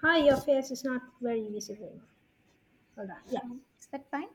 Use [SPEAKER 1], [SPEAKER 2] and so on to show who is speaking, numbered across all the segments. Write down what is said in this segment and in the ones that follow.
[SPEAKER 1] Hi, your face is not very visible. Hold on. Yeah.
[SPEAKER 2] Is that fine?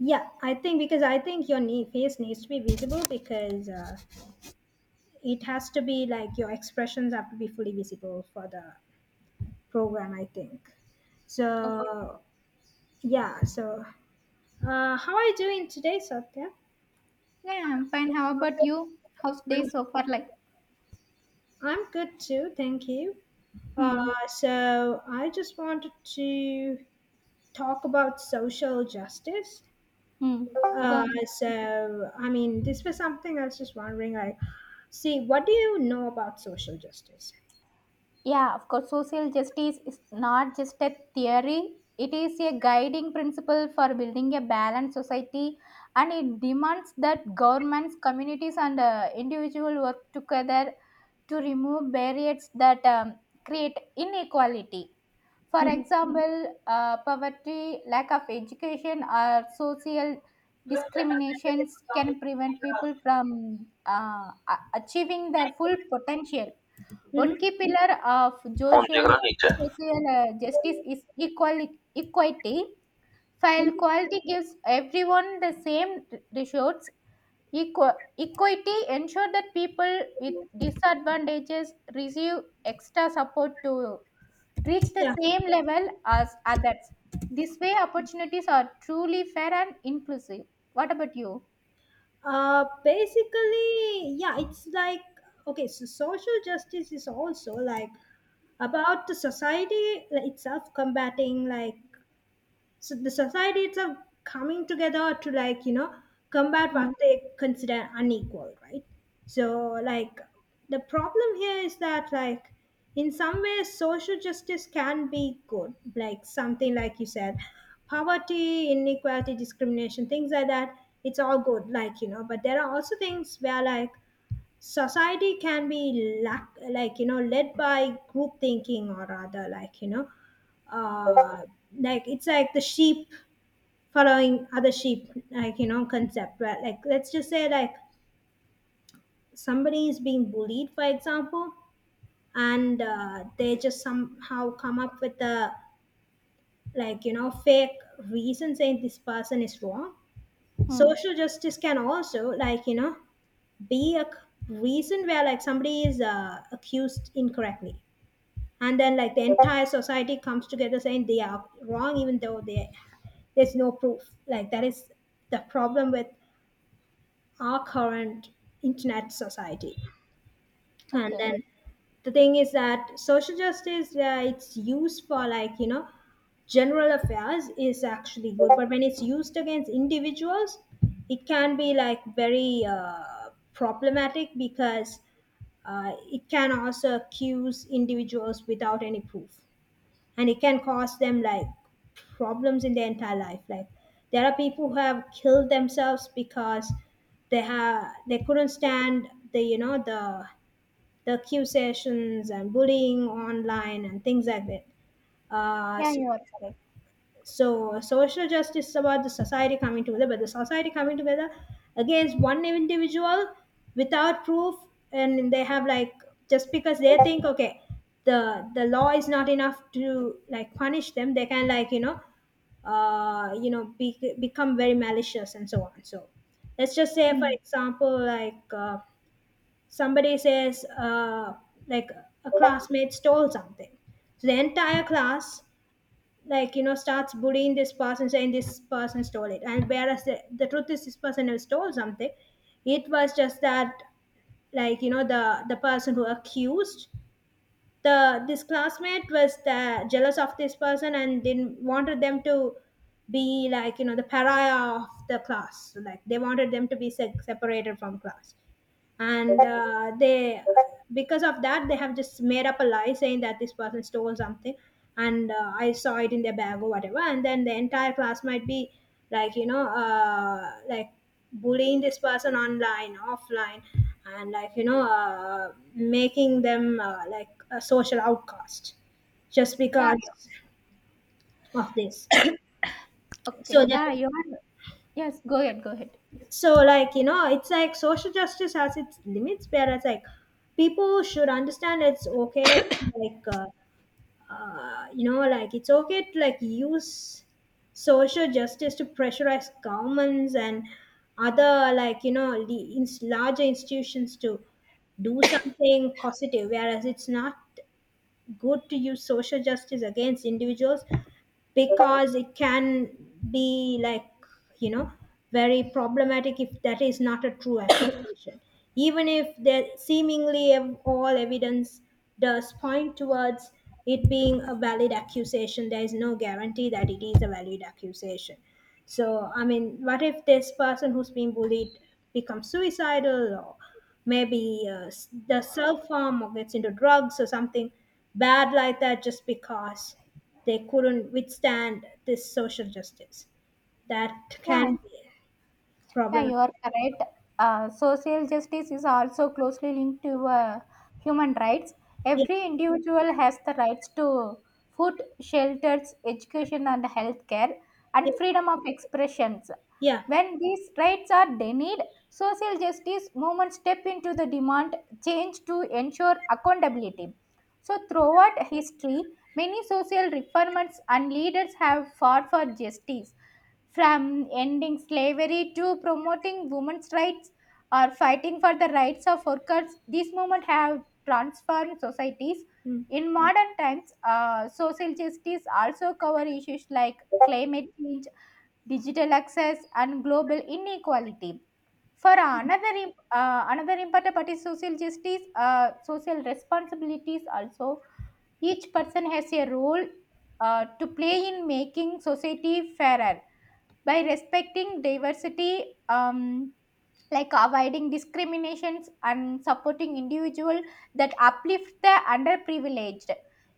[SPEAKER 1] Yeah, I think because I think your knee, face needs to be visible because it has to be like your expressions have to be fully visible for the program, I think.
[SPEAKER 2] Okay.
[SPEAKER 1] So, yeah. So, how are you doing today, Satya?
[SPEAKER 2] Yeah, I'm fine. How about you? How's day
[SPEAKER 1] I'm
[SPEAKER 2] so far?
[SPEAKER 1] I'm good too, thank you. Uh,
[SPEAKER 2] Hmm,
[SPEAKER 1] so I just wanted to talk about social justice.
[SPEAKER 2] hmm. Go ahead.
[SPEAKER 1] I mean, this was something I was just wondering. Like, see, what do you know about social justice?
[SPEAKER 2] Yeah, of course, social justice is not just a theory, it is a guiding principle for building a balanced society, and it demands that governments, communities, and individuals work together to remove barriers that create inequality. For
[SPEAKER 1] Mm-hmm.
[SPEAKER 2] example, poverty, lack of education, or social discriminations can prevent people from achieving their full potential. One key pillar of
[SPEAKER 1] On Jagra
[SPEAKER 2] social,
[SPEAKER 1] Niche.
[SPEAKER 2] social uh, justice is equality, equity. While quality gives everyone the same resources, equity ensure that people with disadvantages receive extra support to reach the
[SPEAKER 1] Yeah.
[SPEAKER 2] same level as others. This way, opportunities are truly fair and inclusive. What about you?
[SPEAKER 1] Basically, yeah, it's like, okay, so social justice is also like about the society itself combating, like so the society itself coming together to, like you know, combat
[SPEAKER 2] Hmm.
[SPEAKER 1] what they consider unequal, right? So like the problem here is that, like in some ways social justice can be good, like something like you said, poverty, inequality, discrimination, things like that. It's all good, like you know, but there are also things where like society can be lack, like you know, led by group thinking, or rather, like you know, uh, like it's like the sheep following other sheep, like you know, concept, right? Like let's just say like somebody is being bullied, for example, and they just somehow come up with a, like you know, fake reason saying this person is wrong.
[SPEAKER 2] Hmm.
[SPEAKER 1] Social justice can also, like you know, be reason where like somebody is accused incorrectly, and then like the entire society comes together saying they are wrong, even though there's no proof. Like that is the problem with our current internet society. And
[SPEAKER 2] Okay.
[SPEAKER 1] then the thing is that social justice, it's used for, like you know, general affairs is actually good, but when it's used against individuals, it can be like very problematic, because it can also accuse individuals without any proof, and it can cause them like problems in their entire life. Like there are people who have killed themselves because they couldn't stand the, you know, the accusations and bullying online and things like that.
[SPEAKER 2] Yeah,
[SPEAKER 1] So
[SPEAKER 2] you are correct.
[SPEAKER 1] so social justice is about the society coming together, but the society coming together against one individual without proof, and they have like, just because they think okay, the law is not enough to like punish them, they can, like you know, become very malicious and so on. So let's just say for
[SPEAKER 2] Hmm.
[SPEAKER 1] example, like somebody says like a classmate stole something, so the entire class, like you know, starts bullying this person saying this person stole it, and whereas the truth is this person never stole something. It was just that, like you know, the person who accused the this classmate was jealous of this person and didn't wanted them to be, like you know, the pariah of the class. So like they wanted them to be separated from class, and they because of that they have just made up a lie saying that this person stole something, and I saw it in their bag or whatever, and then the entire class might be, like you know, like bullying this person online, offline, and, like you know, making them, like a social outcast, just
[SPEAKER 2] Yeah,
[SPEAKER 1] because
[SPEAKER 2] you-
[SPEAKER 1] of this,
[SPEAKER 2] okay,
[SPEAKER 1] so that.
[SPEAKER 2] yeah, you are. Yes. Go ahead. Go ahead, please.
[SPEAKER 1] So like you know, it's like social justice has its limits, whereas like people should understand it's okay, like you know, like it's okay to like use social justice to pressurize governments and other, like you know, the larger institutions to do something positive, whereas it's not good to use social justice against individuals, because it can be, like you know, very problematic if that is not a true accusation. Even if there seemingly all evidence does point towards it being a valid accusation, there is no guarantee that it is a valid accusation. So I mean, what if this person who's being bullied becomes suicidal, or maybe the self harm, or gets into drugs or something bad like that, just because they couldn't withstand this social justice. That
[SPEAKER 2] Yeah.
[SPEAKER 1] can be
[SPEAKER 2] Yeah, you
[SPEAKER 1] problematic.
[SPEAKER 2] are correct. Social justice is also closely linked to human rights.
[SPEAKER 1] Yeah,
[SPEAKER 2] Every individual has the rights to food, shelters, education, and healthcare,
[SPEAKER 1] yeah,
[SPEAKER 2] and freedom of expressions.
[SPEAKER 1] yeah,
[SPEAKER 2] When these rights are denied, social justice movement step into the demand change to ensure accountability. So, throughout history, many social reformers and leaders have fought for justice from ending slavery to promoting women's rights or fighting for the rights of workers, these movements have transformed societies.
[SPEAKER 1] mm,
[SPEAKER 2] In modern times, social justice also cover issues like climate change, digital access, and global inequality. For another important part is social justice, social responsibilities. Also, each person has a role to play in making society fairer by respecting diversity like avoiding discriminations and supporting individual that uplift the underprivileged.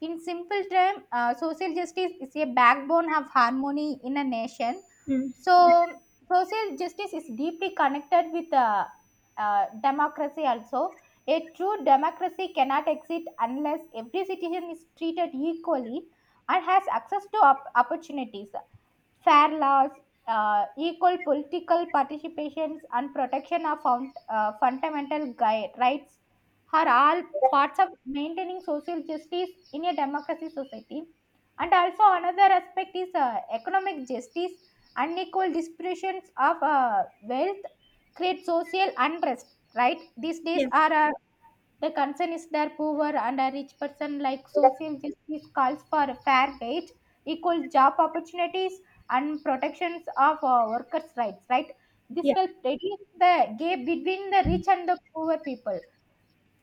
[SPEAKER 2] In simple term social justice is a backbone of harmony in a nation.
[SPEAKER 1] mm,
[SPEAKER 2] So social justice is deeply connected with democracy also. A true democracy cannot exist unless every citizen is treated equally and has access to opportunities. Fair laws, equal political participations, and protection of fundamental rights are all parts of maintaining social justice in a democracy society. And also, another aspect is economic justice. Unequal distributions of wealth create social unrest, right? These days
[SPEAKER 1] yeah,
[SPEAKER 2] are the concern is that poor and a rich person like social justice calls for fair wage, equal job opportunities, and protections of workers' rights. Right? This
[SPEAKER 1] yeah.
[SPEAKER 2] helps reduce the gap between the rich and the poor people.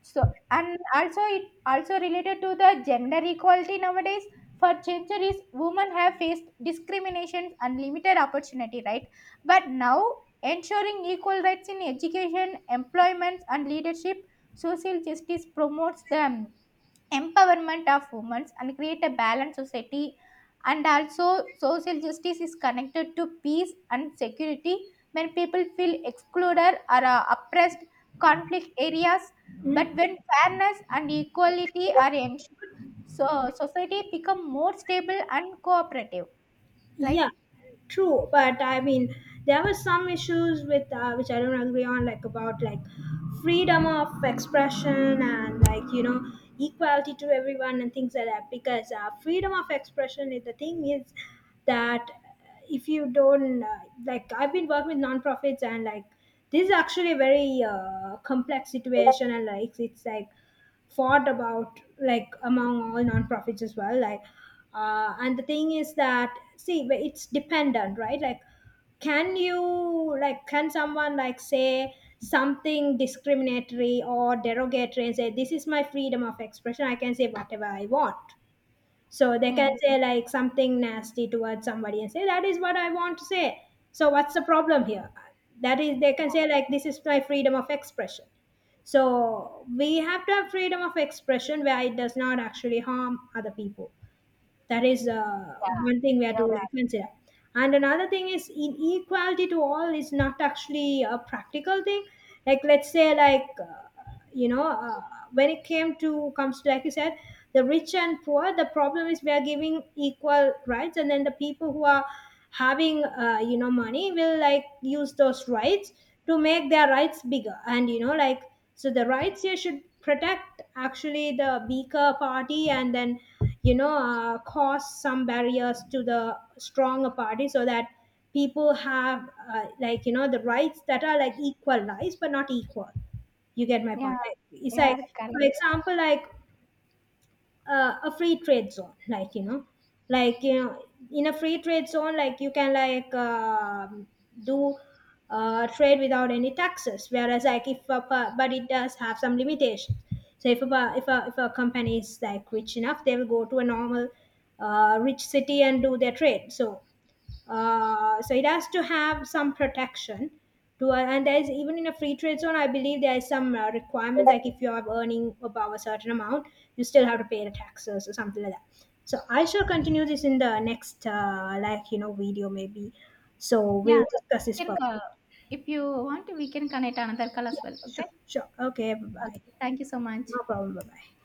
[SPEAKER 2] So and also it also related to the gender equality nowadays. For centuries women have faced discrimination and limited opportunity, right? But now ensuring equal rights in education, employment, and leadership, social justice promotes them empowerment of women and create a balanced society. And also social justice is connected to peace and security. When people feel excluded or oppressed conflict areas, but
[SPEAKER 1] Mm.
[SPEAKER 2] when fairness and equality are ensured, so society become more stable and cooperative, right?
[SPEAKER 1] Yeah, true. But I mean, there were some issues with which I don't agree on, like about like freedom of expression and, like you know, equality to everyone and things like that. Because freedom of expression, is, the thing is that if you don't like, I've been working with nonprofits, and like this is actually a very complex situation, and like it's like fought about like among all nonprofits as well, like and the thing is that, see, but it's dependent, right? Like can you like, can someone like say something discriminatory or derogatory and say this is my freedom of expression, I can say whatever I want. So they can
[SPEAKER 2] Hmm.
[SPEAKER 1] say like something nasty towards somebody and say that is what I want to say. So what's the problem here? That is, they can say like this is my freedom of expression. So we have to have freedom of expression where it does not actually harm other people. That is one thing we have to like consider. And another thing is inequality to all is not actually a practical thing. Like let's say like, you know, when it came to comes to like you said, the rich and poor, the problem is we are giving equal rights, and then the people who are having, you know, money will like use those rights to make their rights bigger, and you know like, so the rights here should protect actually the weaker party, and then, you know, cause some barriers to the stronger party, so that people have, like you know, the rights that are like equal rights but not equal. You get my point.
[SPEAKER 2] Yeah,
[SPEAKER 1] Like, it's
[SPEAKER 2] you
[SPEAKER 1] like,
[SPEAKER 2] are
[SPEAKER 1] for
[SPEAKER 2] correct.
[SPEAKER 1] example, like a free trade zone, like you know, like you know, in a free trade zone like you can like do trade without any taxes, whereas like if but it does have some limitations. So if if a company is like rich enough, they will go to a normal rich city and do their trade. So so it has to have some protection. To, and there's even in a free trade zone, I believe there's some requirements, like if you are earning above a certain amount, you still have to pay the taxes or something like that. So I shall continue this in the next like you know video maybe. So
[SPEAKER 2] Yeah,
[SPEAKER 1] we'll discuss
[SPEAKER 2] we
[SPEAKER 1] this
[SPEAKER 2] can
[SPEAKER 1] further.
[SPEAKER 2] call if you want. We can connect another call as
[SPEAKER 1] Yeah,
[SPEAKER 2] well,
[SPEAKER 1] sure,
[SPEAKER 2] okay?
[SPEAKER 1] sure. Okay, bye bye.
[SPEAKER 2] Okay, thank you so much.
[SPEAKER 1] No problem. Bye bye.